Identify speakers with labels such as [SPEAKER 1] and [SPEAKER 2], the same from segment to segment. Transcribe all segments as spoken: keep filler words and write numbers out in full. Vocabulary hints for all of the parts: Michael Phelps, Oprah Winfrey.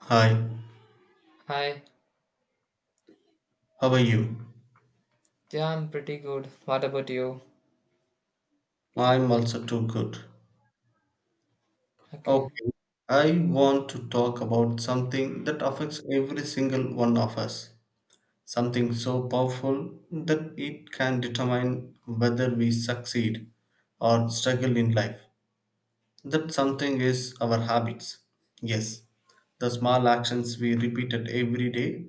[SPEAKER 1] Hi,
[SPEAKER 2] Hi.
[SPEAKER 1] how are you?
[SPEAKER 2] Yeah, I'm pretty good. What about you?
[SPEAKER 1] I'm also too good.
[SPEAKER 2] Okay.
[SPEAKER 1] Okay, I want to talk about something that affects every single one of us. Something so powerful that it can determine whether we succeed or struggle in life. That something is our habits. Yes, the small actions we repeated every day,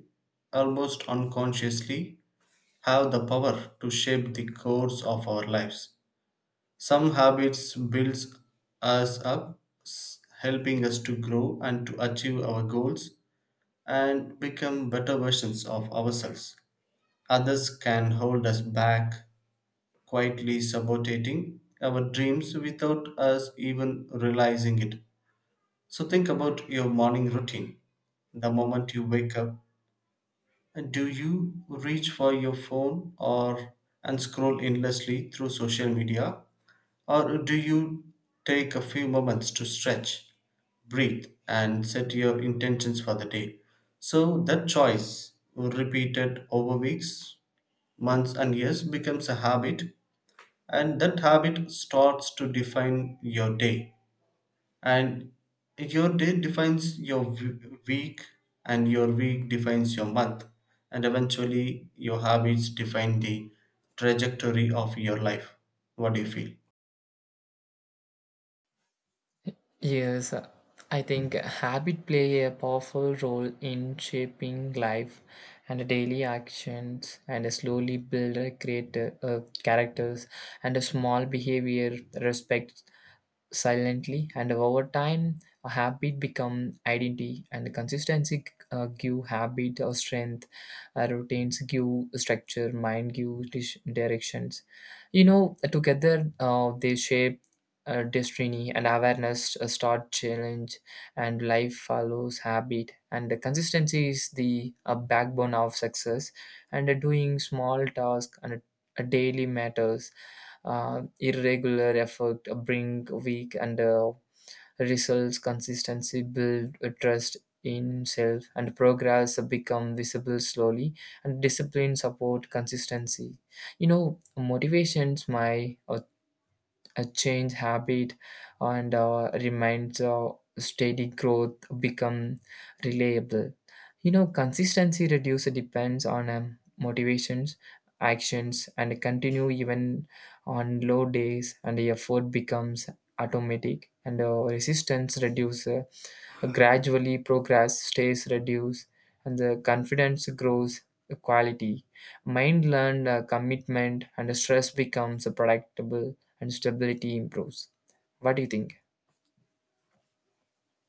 [SPEAKER 1] almost unconsciously, have the power to shape the course of our lives. Some habits builds us up, s- helping us to grow and to achieve our goals and become better versions of ourselves. Others can hold us back, quietly sabotating our dreams without us even realizing it. So think about your morning routine. The moment you wake up, do you reach for your phone or and scroll endlessly through social media? Or do you take a few moments to stretch, breathe, and set your intentions for the day? So that choice, repeated over weeks, months, and years, becomes a habit, and that habit starts to define your day. And your day defines your w- week, and your week defines your month, and eventually, your habits define the trajectory of your life. What do you feel?
[SPEAKER 2] Yes, I think habit play a powerful role in shaping life and daily actions and slowly build a great uh, characters and a small behavior respect silently and over time a habit become identity and consistency uh, give habit or strength. Uh, routines give structure mind give dis- directions, you know together uh, they shape uh, destiny and awareness uh, start challenge and life follows habit and the consistency is the uh, backbone of success, and uh, doing small tasks and uh, daily matters. Uh, irregular effort bring weak and uh, results consistency build a trust in self and progress become visible slowly and discipline support consistency, you know motivations my a change habit and uh, remains uh, steady growth become reliable. You know consistency reduces depends on um, motivations actions and continue even on low days and the effort becomes automatic and uh, resistance reduces. Gradually, progress stays reduced and the confidence grows quality. Mind learned uh, commitment and stress becomes predictable and stability improves. What do you think?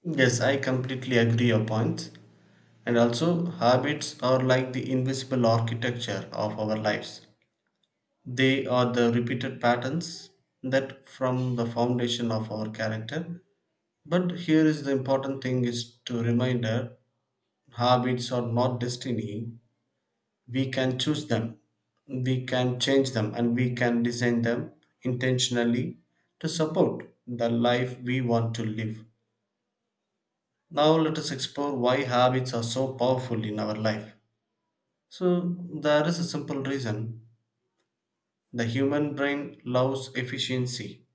[SPEAKER 1] Yes, I completely agree your point. And also, habits are like the invisible architecture of our lives. They are the repeated patterns that form the foundation of our character. But here is the important thing is to reminder, habits are not destiny. We can choose them. We can change them, and we can design them intentionally to support the life we want to live. Now let us explore why habits are so powerful in our life. So there is a simple reason. The human brain loves efficiency,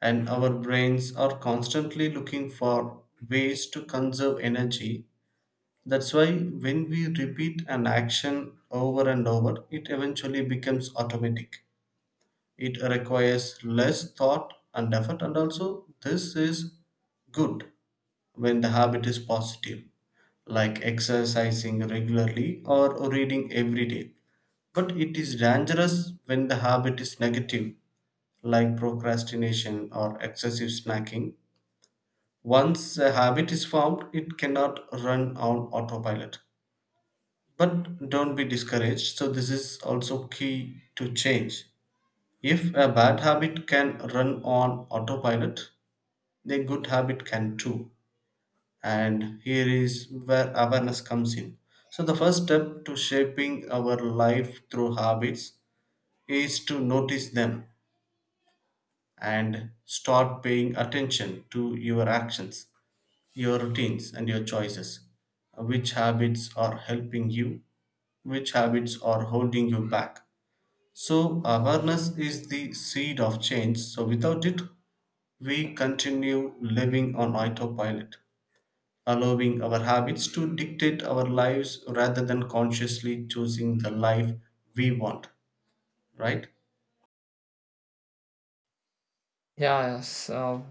[SPEAKER 1] and our brains are constantly looking for ways to conserve energy. That's why when we repeat an action over and over, it eventually becomes automatic. It requires less thought and effort, and also this is good when the habit is positive, like exercising regularly or reading every day. But it is dangerous when the habit is negative, like procrastination or excessive snacking. Once a habit is formed, it cannot run on autopilot. But don't be discouraged. So, this is also key to change. If a bad habit can run on autopilot, a good habit can too. And here is where awareness comes in. So the first step to shaping our life through habits is to notice them and start paying attention to your actions, your routines, and your choices. Which habits are helping you, which habits are holding you back? So awareness is the seed of change. So without it, we continue living on autopilot, allowing our habits to dictate our lives rather than consciously choosing the life we want, right?
[SPEAKER 2] Yes, uh,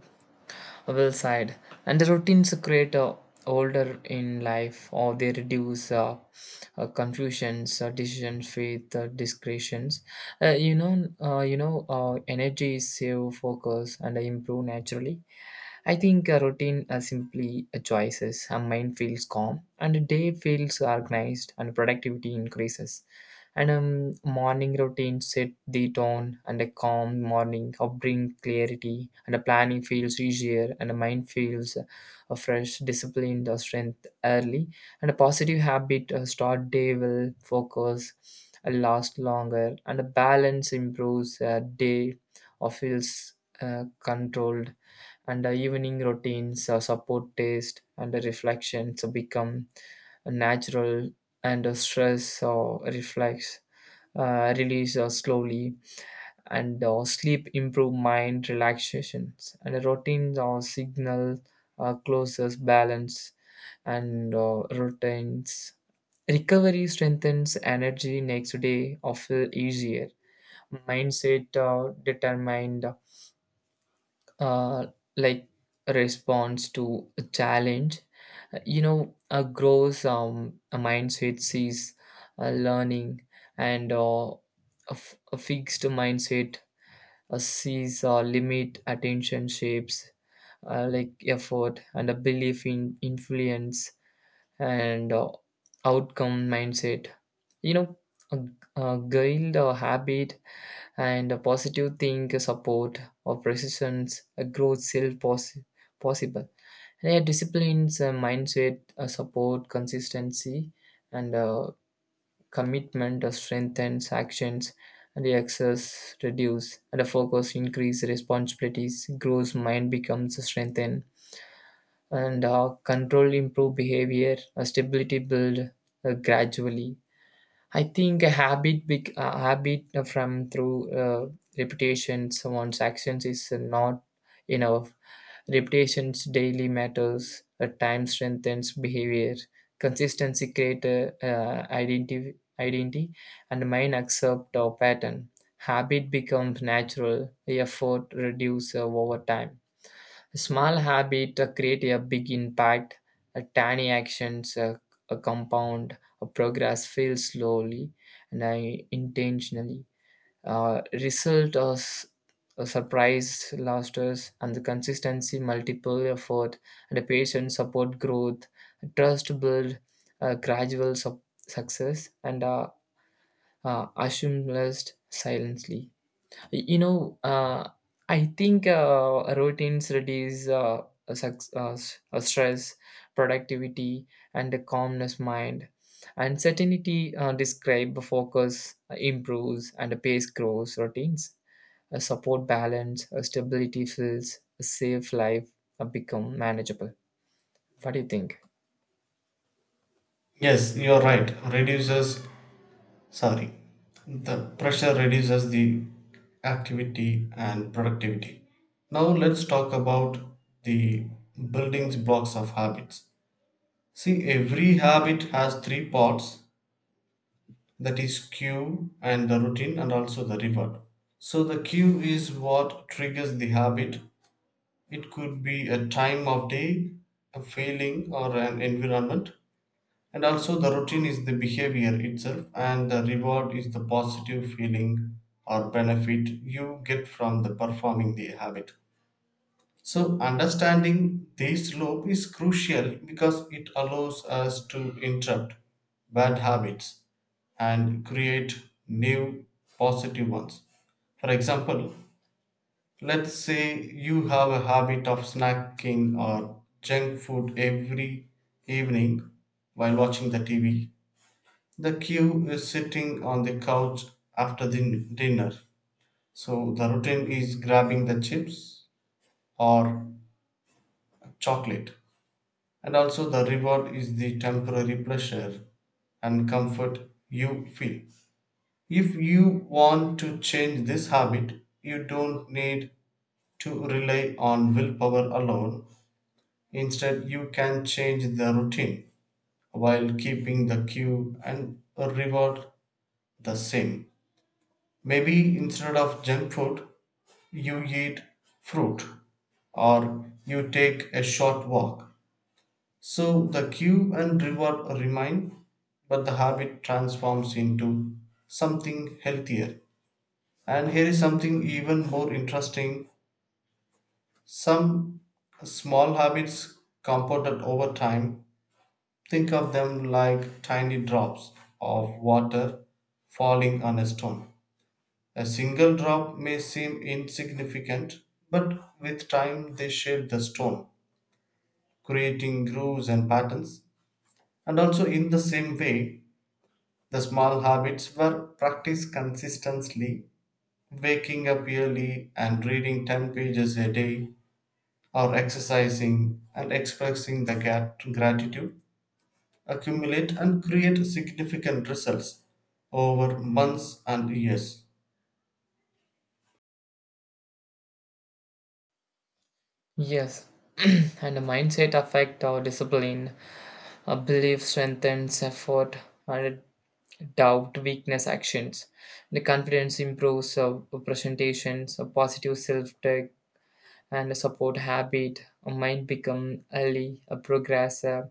[SPEAKER 2] well said. And the routines create uh, order in life or they reduce uh, uh, confusions, uh, decisions with uh, discretions. Uh, you know, uh, you know, uh, energy is save focus and improve naturally. I think a routine are simply a choices. A mind feels calm, and a day feels organized, and productivity increases. And um, morning routine set the tone, and a calm morning help bring clarity, and a planning feels easier, and a mind feels a fresh, disciplined, or strength early. And a positive habit uh, start day will focus, uh, last longer, and a balance improves uh, day or feels uh, controlled, and uh, evening routines uh, support taste and uh, reflection so become natural, and uh, stress uh, reflex uh, release uh, slowly, and uh, sleep improve mind relaxations and routines or signal uh, closes balance, and uh, routines recovery strengthens energy next day or feel easier mindset uh, determined, uh, like response to a challenge, uh, you know uh, grows um, a mindset sees uh, learning and uh, a, f- a fixed mindset uh, sees uh, limit attention shapes uh, like effort and a belief in influence and uh, outcome mindset, you know a, a guild or habit and a positive think support of resistance a growth self possi- possible and a disciplines a mindset a support consistency and a commitment a strengthens actions and the access reduce and the focus increase responsibilities grows mind becomes strengthened and uh, control improve behavior a stability build uh, gradually. I think a habit, big uh, habit from through uh, reputation, someone's actions is not enough. Reputation's daily matters. A time strengthens behavior. Consistency creates a, uh, identity, identity, and mind accept our pattern. Habit becomes natural. Effort reduces over time. Small habit uh, create a big impact. A tiny actions uh, a compound. A progress feels slowly and I intentionally. Uh, result of s- a surprise losses and the consistency multiple effort and a patient support growth trust build uh, gradual sup- success and uh, uh, assumed silently. you know, uh, I think uh, routines reduce uh, a suc- uh, s- uh, stress, productivity, and a calmness mind. And certainty uh, describe focus uh, improves and the pace grows. Routines uh, support balance, uh, stability feels a safe life uh, become manageable. What do you think?
[SPEAKER 1] Yes, you're right. Reduces, sorry, the pressure reduces the activity and productivity. Now let's talk about the building blocks of habits. See, every habit has three parts, that is cue and the routine and also the reward. So the cue is what triggers the habit. It could be a time of day, a feeling, or an environment. And also, the routine is the behavior itself, and the reward is the positive feeling or benefit you get from the performing the habit. So, understanding this loop is crucial because it allows us to interrupt bad habits and create new positive ones. For example, let's say you have a habit of snacking or junk food every evening while watching the T V. The cue is sitting on the couch after the dinner. So the routine is grabbing the chips or chocolate. And also the reward is the temporary pleasure and comfort you feel. If you want to change this habit, you don't need to rely on willpower alone. Instead, you can change the routine while keeping the cue and reward the same. Maybe instead of junk food, you eat fruit or you take a short walk. So the cue and reward remain, but the habit transforms into something healthier. And here is something even more interesting. Some small habits compounded over time. Think of them like tiny drops of water falling on a stone. A single drop may seem insignificant, but with time they shape the stone, creating grooves and patterns. And also, in the same way, the small habits were practiced consistently. Waking up early and reading ten pages a day, or exercising and expressing the gat- gratitude accumulate and create significant results over months and years.
[SPEAKER 2] Yes, and the mindset affect our discipline. A belief strengthens effort, and doubt weakness actions. The confidence improves our presentations, a positive self-talk, and a support habit. A mind become early, a progress, uh,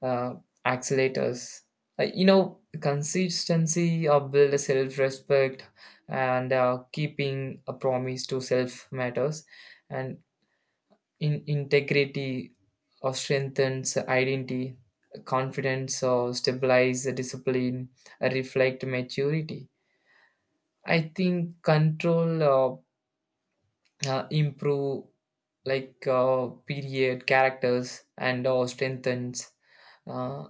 [SPEAKER 2] uh, accelerators. Uh, you know, consistency or build a self-respect and uh, keeping a promise to self matters. And in integrity or strengthens identity confidence or stabilize discipline uh, reflect maturity. I think control uh, uh, improve like uh, period characters and or strengthens uh,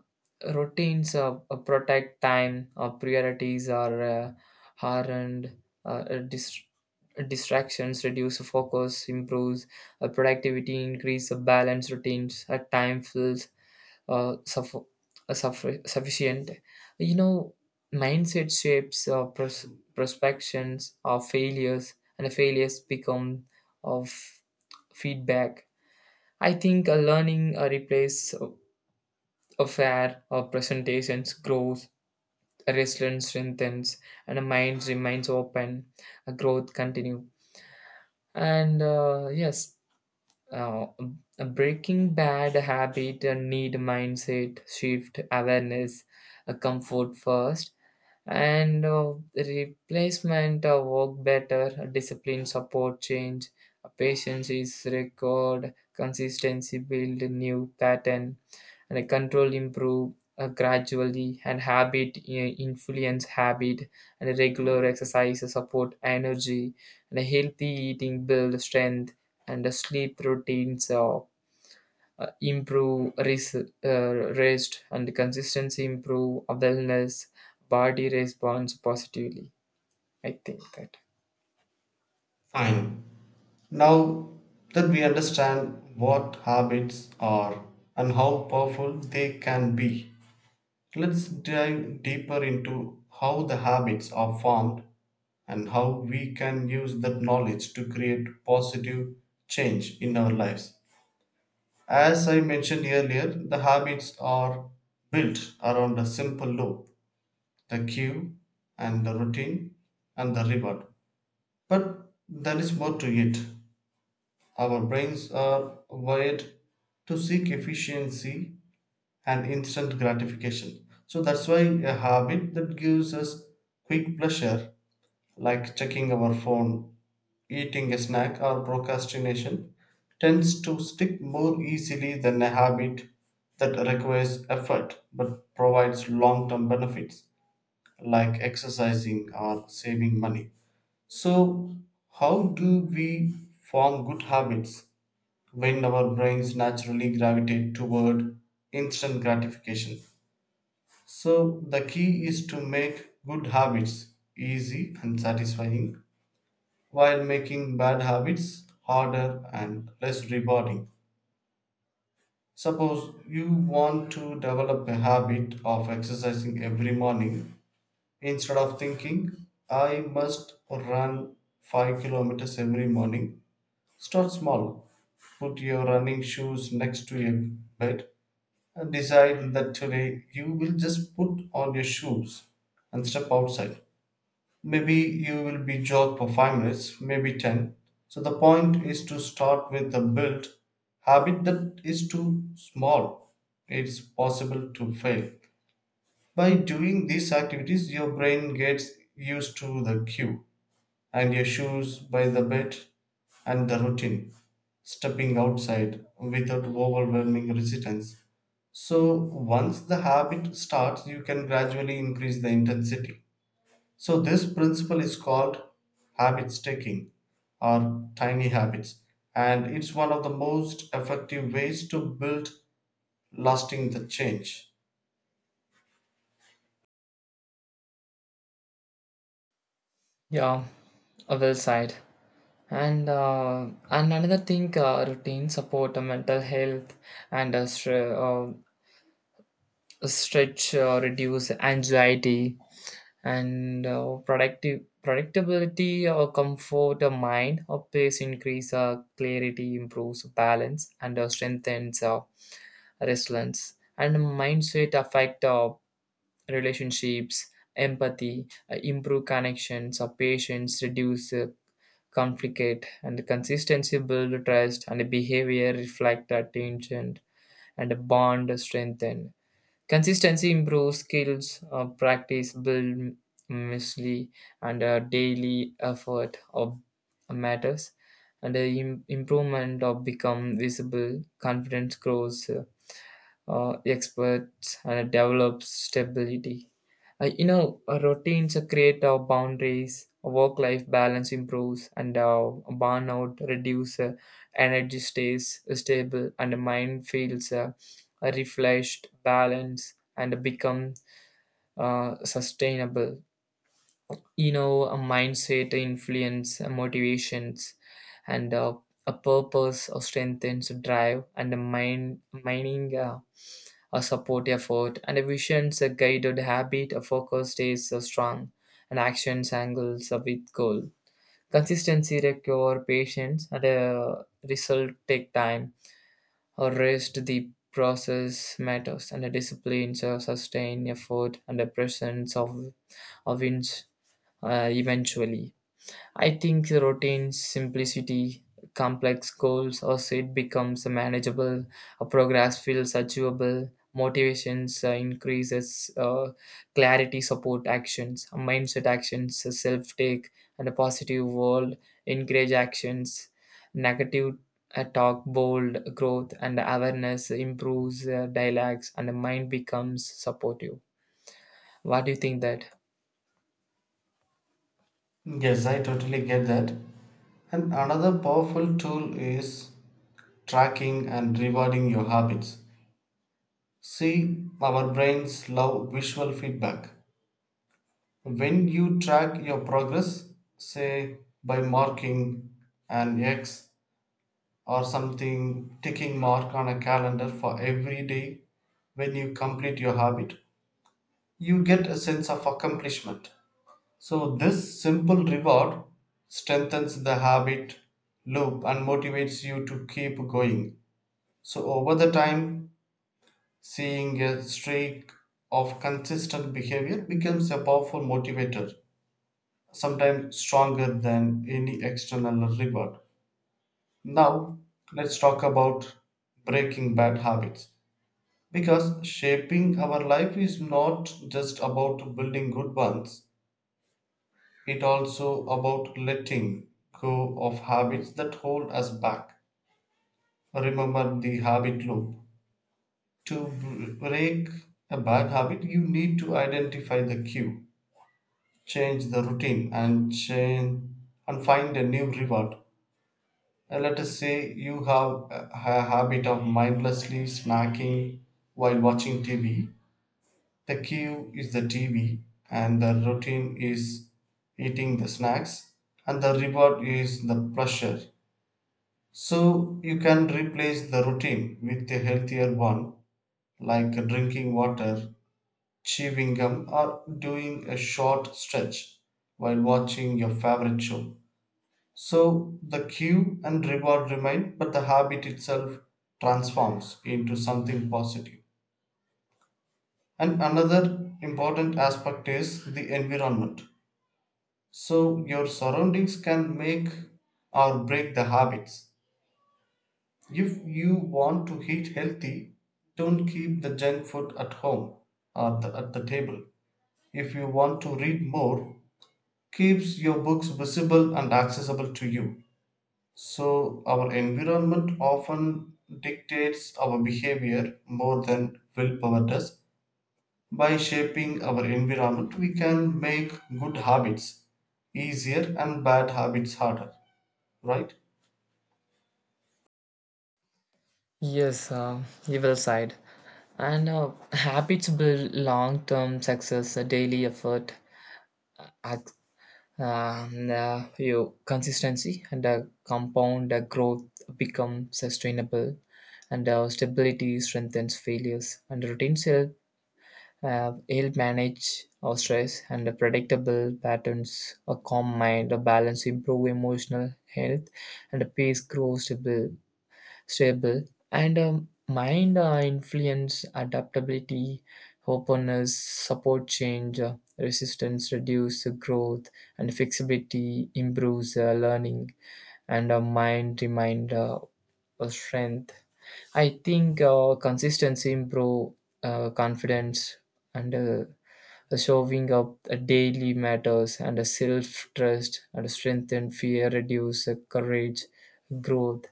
[SPEAKER 2] routines uh, uh, protect time or priorities are uh, hardened, uh, uh, dis- distractions reduce focus improves uh, productivity increase the balance routines at time feels uh, suff- uh, suffi- sufficient. You know mindset shapes uh, pros- prospections of failures and failures become of feedback. I think a learning uh, replace a a fair uh, presentations growth resilience strengthens and a mind remains open a growth continue, and uh, yes. Uh, a breaking bad habit, a need mindset shift, awareness, a comfort first and uh, replacement uh, work better uh, discipline support change uh, patience is record consistency build a new pattern and a control improve uh, gradually, and habit uh, influence habit, and regular exercise uh, support energy and a healthy eating build strength and the sleep routines uh, uh, improve res- uh, rest, and consistency improve wellness body responds positively. I think that
[SPEAKER 1] Fine. Now that we understand what habits are and how powerful they can be, let's dive deeper into how the habits are formed and how we can use that knowledge to create positive change in our lives. As I mentioned earlier, the habits are built around a simple law, the cue and the routine and the reward. But there is more to it. Our brains are wired to seek efficiency and instant gratification. So that's why a habit that gives us quick pleasure, like checking our phone, eating a snack, or procrastination, tends to stick more easily than a habit that requires effort but provides long term benefits, like exercising or saving money. So, how do we form good habits when our brains naturally gravitate toward instant gratification? So, the key is to make good habits easy and satisfying while making bad habits harder and less rewarding. Suppose you want to develop a habit of exercising every morning. Instead of thinking, I must run five kilometers every morning, start small. Put your running shoes next to your bed and decide that today you will just put on your shoes and step outside. Maybe you will be jog for five minutes, maybe ten. So the point is to start with a built habit that is too small. It's possible to fail. By doing these activities, your brain gets used to the cue and your shoes by the bed and the routine, stepping outside without overwhelming resistance. So, once the habit starts, you can gradually increase the intensity. So, this principle is called habit stacking or tiny habits, and it's one of the most effective ways to build lasting the change.
[SPEAKER 2] yeah, a well side. And uh, and another thing uh, routine support uh, mental health and uh, stre- uh, stretch uh, reduce anxiety and uh, productive predictability or comfort or mind or pace increase uh, clarity improves balance and uh, strengthens uh, resilience, and mindset affect uh, relationships empathy uh, improve connections or patience reduce uh, conflict and consistency build trust and behavior reflect attention and bond strengthen. Consistency improves skills, uh, practice build mostly, and uh, daily effort of matters. And the im- improvement of become visible, confidence grows, uh, uh, experts and develops stability. Uh, you know, uh, routines uh, create uh, boundaries, work life balance improves, and uh, burnout reduce, uh, energy stays uh, stable, and the mind feels uh, refreshed, balanced, and become uh, sustainable. You know, a mindset influence uh, motivations, and uh, a purpose or strengthens drive, and the mind mining. Uh, a support effort, and a vision's a guided habit, a focus stays uh, strong, and actions angles uh, with goal. Consistency require patience, and a result take time. A rest the process matters, and a discipline uh, sustain effort, and the presence of of wins uh, eventually. I think the routine, simplicity, complex goals, also it becomes manageable, a progress feels achievable, motivations uh, increases, uh, clarity support actions, a mindset actions, self take, and a positive world encourage actions, negative uh, talk bold growth and awareness improves uh, dialogues and the mind becomes supportive. What do you think that?
[SPEAKER 1] Yes, I totally get that. And another powerful tool is tracking and rewarding your habits. See, our brains love visual feedback. When you track your progress, say by marking an X or something ticking mark on a calendar for every day when you complete your habit, you get a sense of accomplishment. So, this simple reward strengthens the habit loop and motivates you to keep going. So over the time, seeing a streak of consistent behavior becomes a powerful motivator, sometimes stronger than any external reward. Now, let's talk about breaking bad habits. Because shaping our life is not just about building good ones, it also about letting go of habits that hold us back. Remember the habit loop. To b- break a bad habit, you need to identify the cue, change the routine, and change and find a new reward. Uh, let us say you have a, a habit of mindlessly snacking while watching T V. The cue is the T V, and the routine is eating the snacks, and the reward is the pleasure. So you can replace the routine with a healthier one, like drinking water, chewing gum, or doing a short stretch while watching your favorite show. So the cue and reward remain, but the habit itself transforms into something positive. And another important aspect is the environment. So your surroundings can make or break the habits. If you want to eat healthy, don't keep the junk food at home or the, at the table. If you want to read more, keeps your books visible and accessible to you. So, our environment often dictates our behavior more than willpower does. By shaping our environment, we can make good habits easier and bad habits harder, right?
[SPEAKER 2] Yes, uh, you will side. And uh, habits build long term success, a daily effort, ac- um, uh, your consistency, and uh, compound uh, growth become sustainable, and uh, stability strengthens failures, and routines help, uh, help manage our stress, and the predictable patterns, a calm mind, a balance, improve emotional health, and a peace grows stable stable, and um, mind uh, influence adaptability, openness, support change, uh, resistance reduce uh, growth, and flexibility improves uh, learning, and uh, mind remind uh, uh, strength. I think uh, consistency improve uh, confidence and uh, showing up uh, daily matters and uh, self trust and strengthen fear reduce uh, courage growth.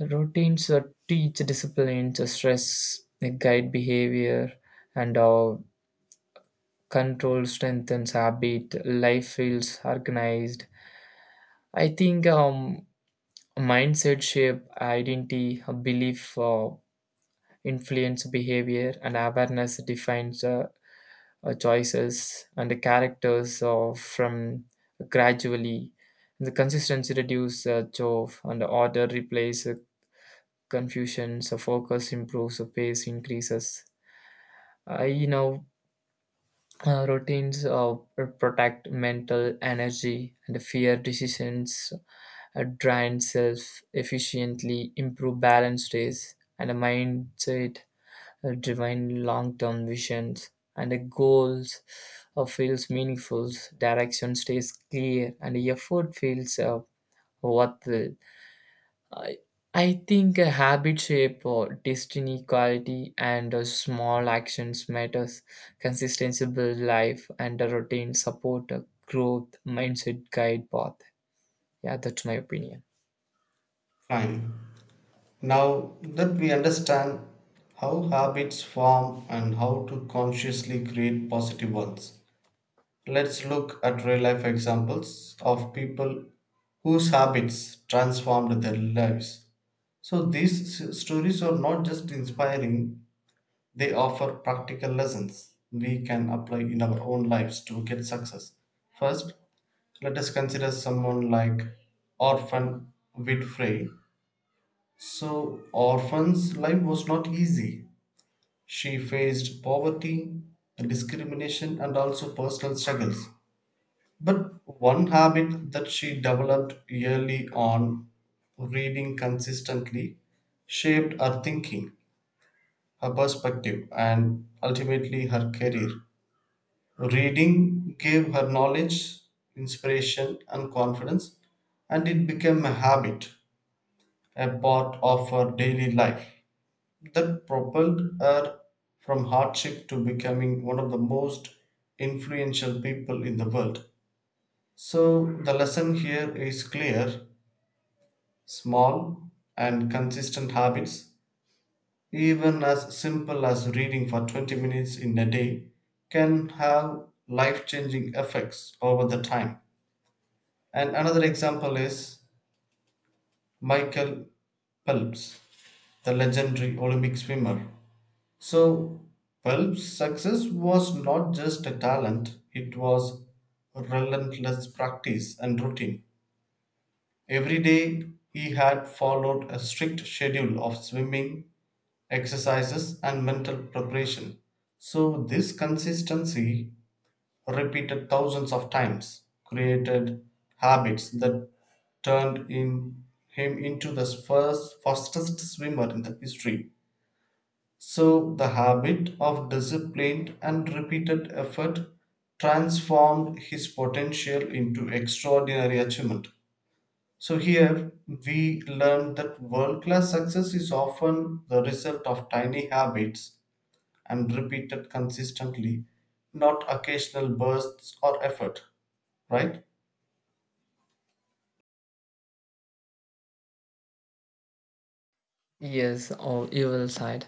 [SPEAKER 2] Routines that teach discipline, to stress, uh, guide behavior, and uh, control strengthens habit. Life feels organized. I think um, mindset shape identity, uh, belief uh, influence behavior, and awareness defines uh, uh, choices and the characters uh, from gradually. The consistency reduces uh, chove, and order replaces confusion, so focus improves, so pace increases. Uh, you know, uh, routines uh, protect mental energy and fear decisions, uh, drain self efficiently, improve balance days, and a mindset uh, divine long term visions. And the goals uh, feels meaningful, direction stays clear, and the effort feels uh, worth it. I, I think a habit shape or destiny quality and uh, small actions matters. Consistency build life and a routine support a growth mindset guide path. Yeah, that's my opinion.
[SPEAKER 1] Fine. Now that we understand how habits form and how to consciously create positive ones, let's look at real life examples of people whose habits transformed their lives. So, these s- stories are not just inspiring, they offer practical lessons we can apply in our own lives to get success. First, let us consider someone like Orphan Winfrey. So, Orphan's life was not easy. She faced poverty, discrimination, and also personal struggles. But one habit that she developed early on, reading consistently, shaped her thinking, her perspective, and ultimately her career. Reading gave her knowledge, inspiration, and confidence, and it became a habit, a part of her daily life that propelled her from hardship to becoming one of the most influential people in the world. So, the lesson here is clear: small and consistent habits, even as simple as reading for twenty minutes in a day, can have life changing effects over the time. And another example is Michael Phelps, the legendary Olympic swimmer. So, Phelps' success was not just a talent, it was relentless practice and routine. Every day he had followed a strict schedule of swimming, exercises, and mental preparation. So, this consistency, repeated thousands of times, created habits that turned in him into the first fastest swimmer in the history. So, the habit of disciplined and repeated effort transformed his potential into extraordinary achievement. So here we learn that world class success is often the result of tiny habits and repeated consistently, not occasional bursts or effort, right?
[SPEAKER 2] Yes, or evil side.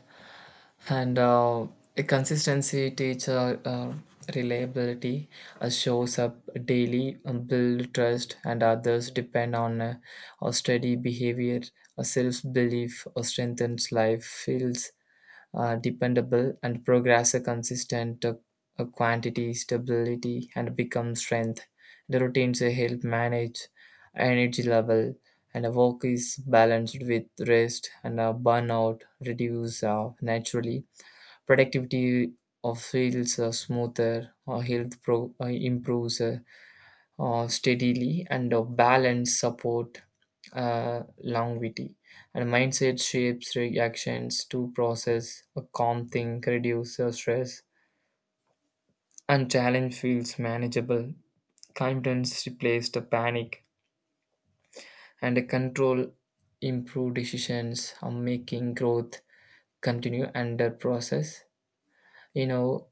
[SPEAKER 2] And uh, a consistency teacher uh, reliability uh, shows up daily, um, build trust, and others depend on uh, a steady behavior. A self belief uh, strengthens life, feels uh, dependable and progress a consistent uh, a quantity stability and become strength. The routines uh, help manage energy level and a work is balanced with rest and a burnout reduce uh, naturally productivity of feels uh, smoother or health pro- uh, improves uh, uh, steadily and a balanced support uh, longevity. And mindset shapes reactions to process a calm think reduce the stress and challenge feels manageable confidence replaced the panic and the control improve decisions on making growth continue under process. You know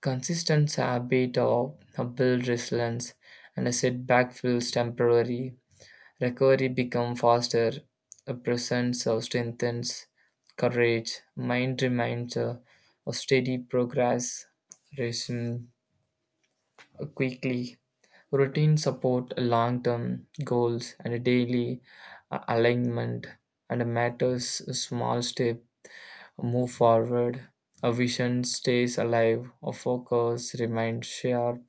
[SPEAKER 2] consistent habit of a build resilience and a setback feels temporary. Recovery becomes faster, a presence uh, strengthens courage, mind remains uh, a steady progress, resume uh, quickly. Routine support long-term goals and a daily uh, alignment and matters a small step move forward. A vision stays alive, a focus remains sharp,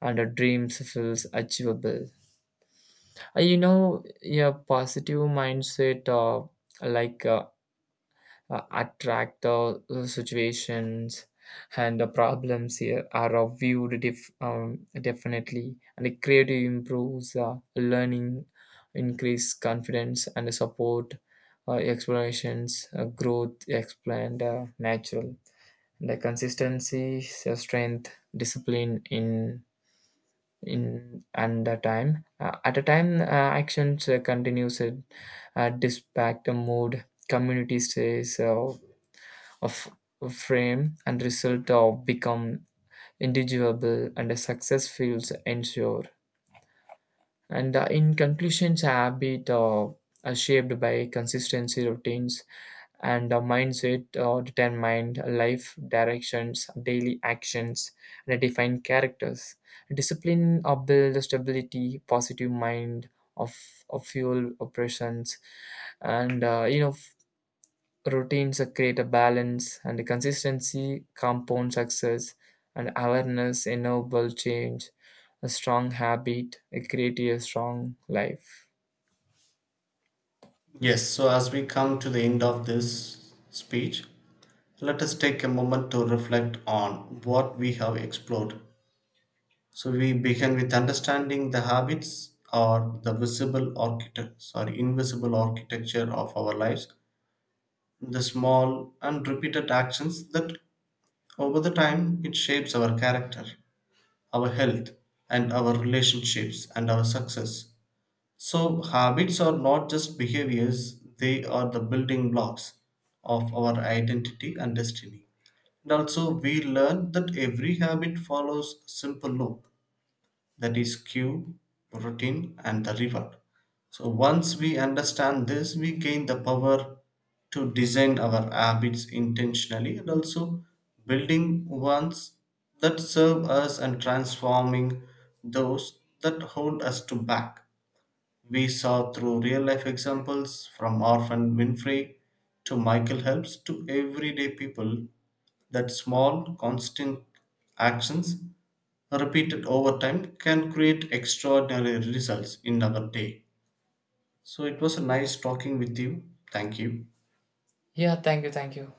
[SPEAKER 2] and a dream feels achievable. Uh, you know, a positive mindset uh, like uh, uh, attract the uh, situations and the problems here are uh, viewed dif- um, definitely and the creative improves uh, learning increase confidence and support uh, explorations uh, growth explained uh, natural and the consistency so strength discipline in in and the time uh, at a time uh, actions uh, continues uh, uh, dispatch the mood community stays uh, of of frame and result of become individuable and a success feels ensure. And uh, in conclusions habit uh, are shaped by consistency routines and the mindset uh, determined life directions, daily actions, and define characters. Discipline uh, build stability, positive mind of, of fuel operations, and uh, you know f- routines uh, create a balance and the consistency compound success and awareness enable change. A strong habit, uh, create a strong life.
[SPEAKER 1] Yes, so as we come to the end of this speech, let us take a moment to reflect on what we have explored. So we began with understanding the habits, or the visible architect, sorry, invisible architecture of our lives, the small and repeated actions that over the time it shapes our character, our health, and our relationships, and our success. So habits are not just behaviors, they are the building blocks of our identity and destiny. And also we learn that every habit follows a simple loop, that is cue, routine, and the river. So, once we understand this, we gain the power to design our habits intentionally, and also building ones that serve us and transforming those that hold us to back. We saw through real life examples, from Orphan Winfrey to Michael Helps to everyday people, that small, constant actions repeated over time can create extraordinary results in our day. So it was nice talking with you. Thank you.
[SPEAKER 2] Yeah, thank you, thank you.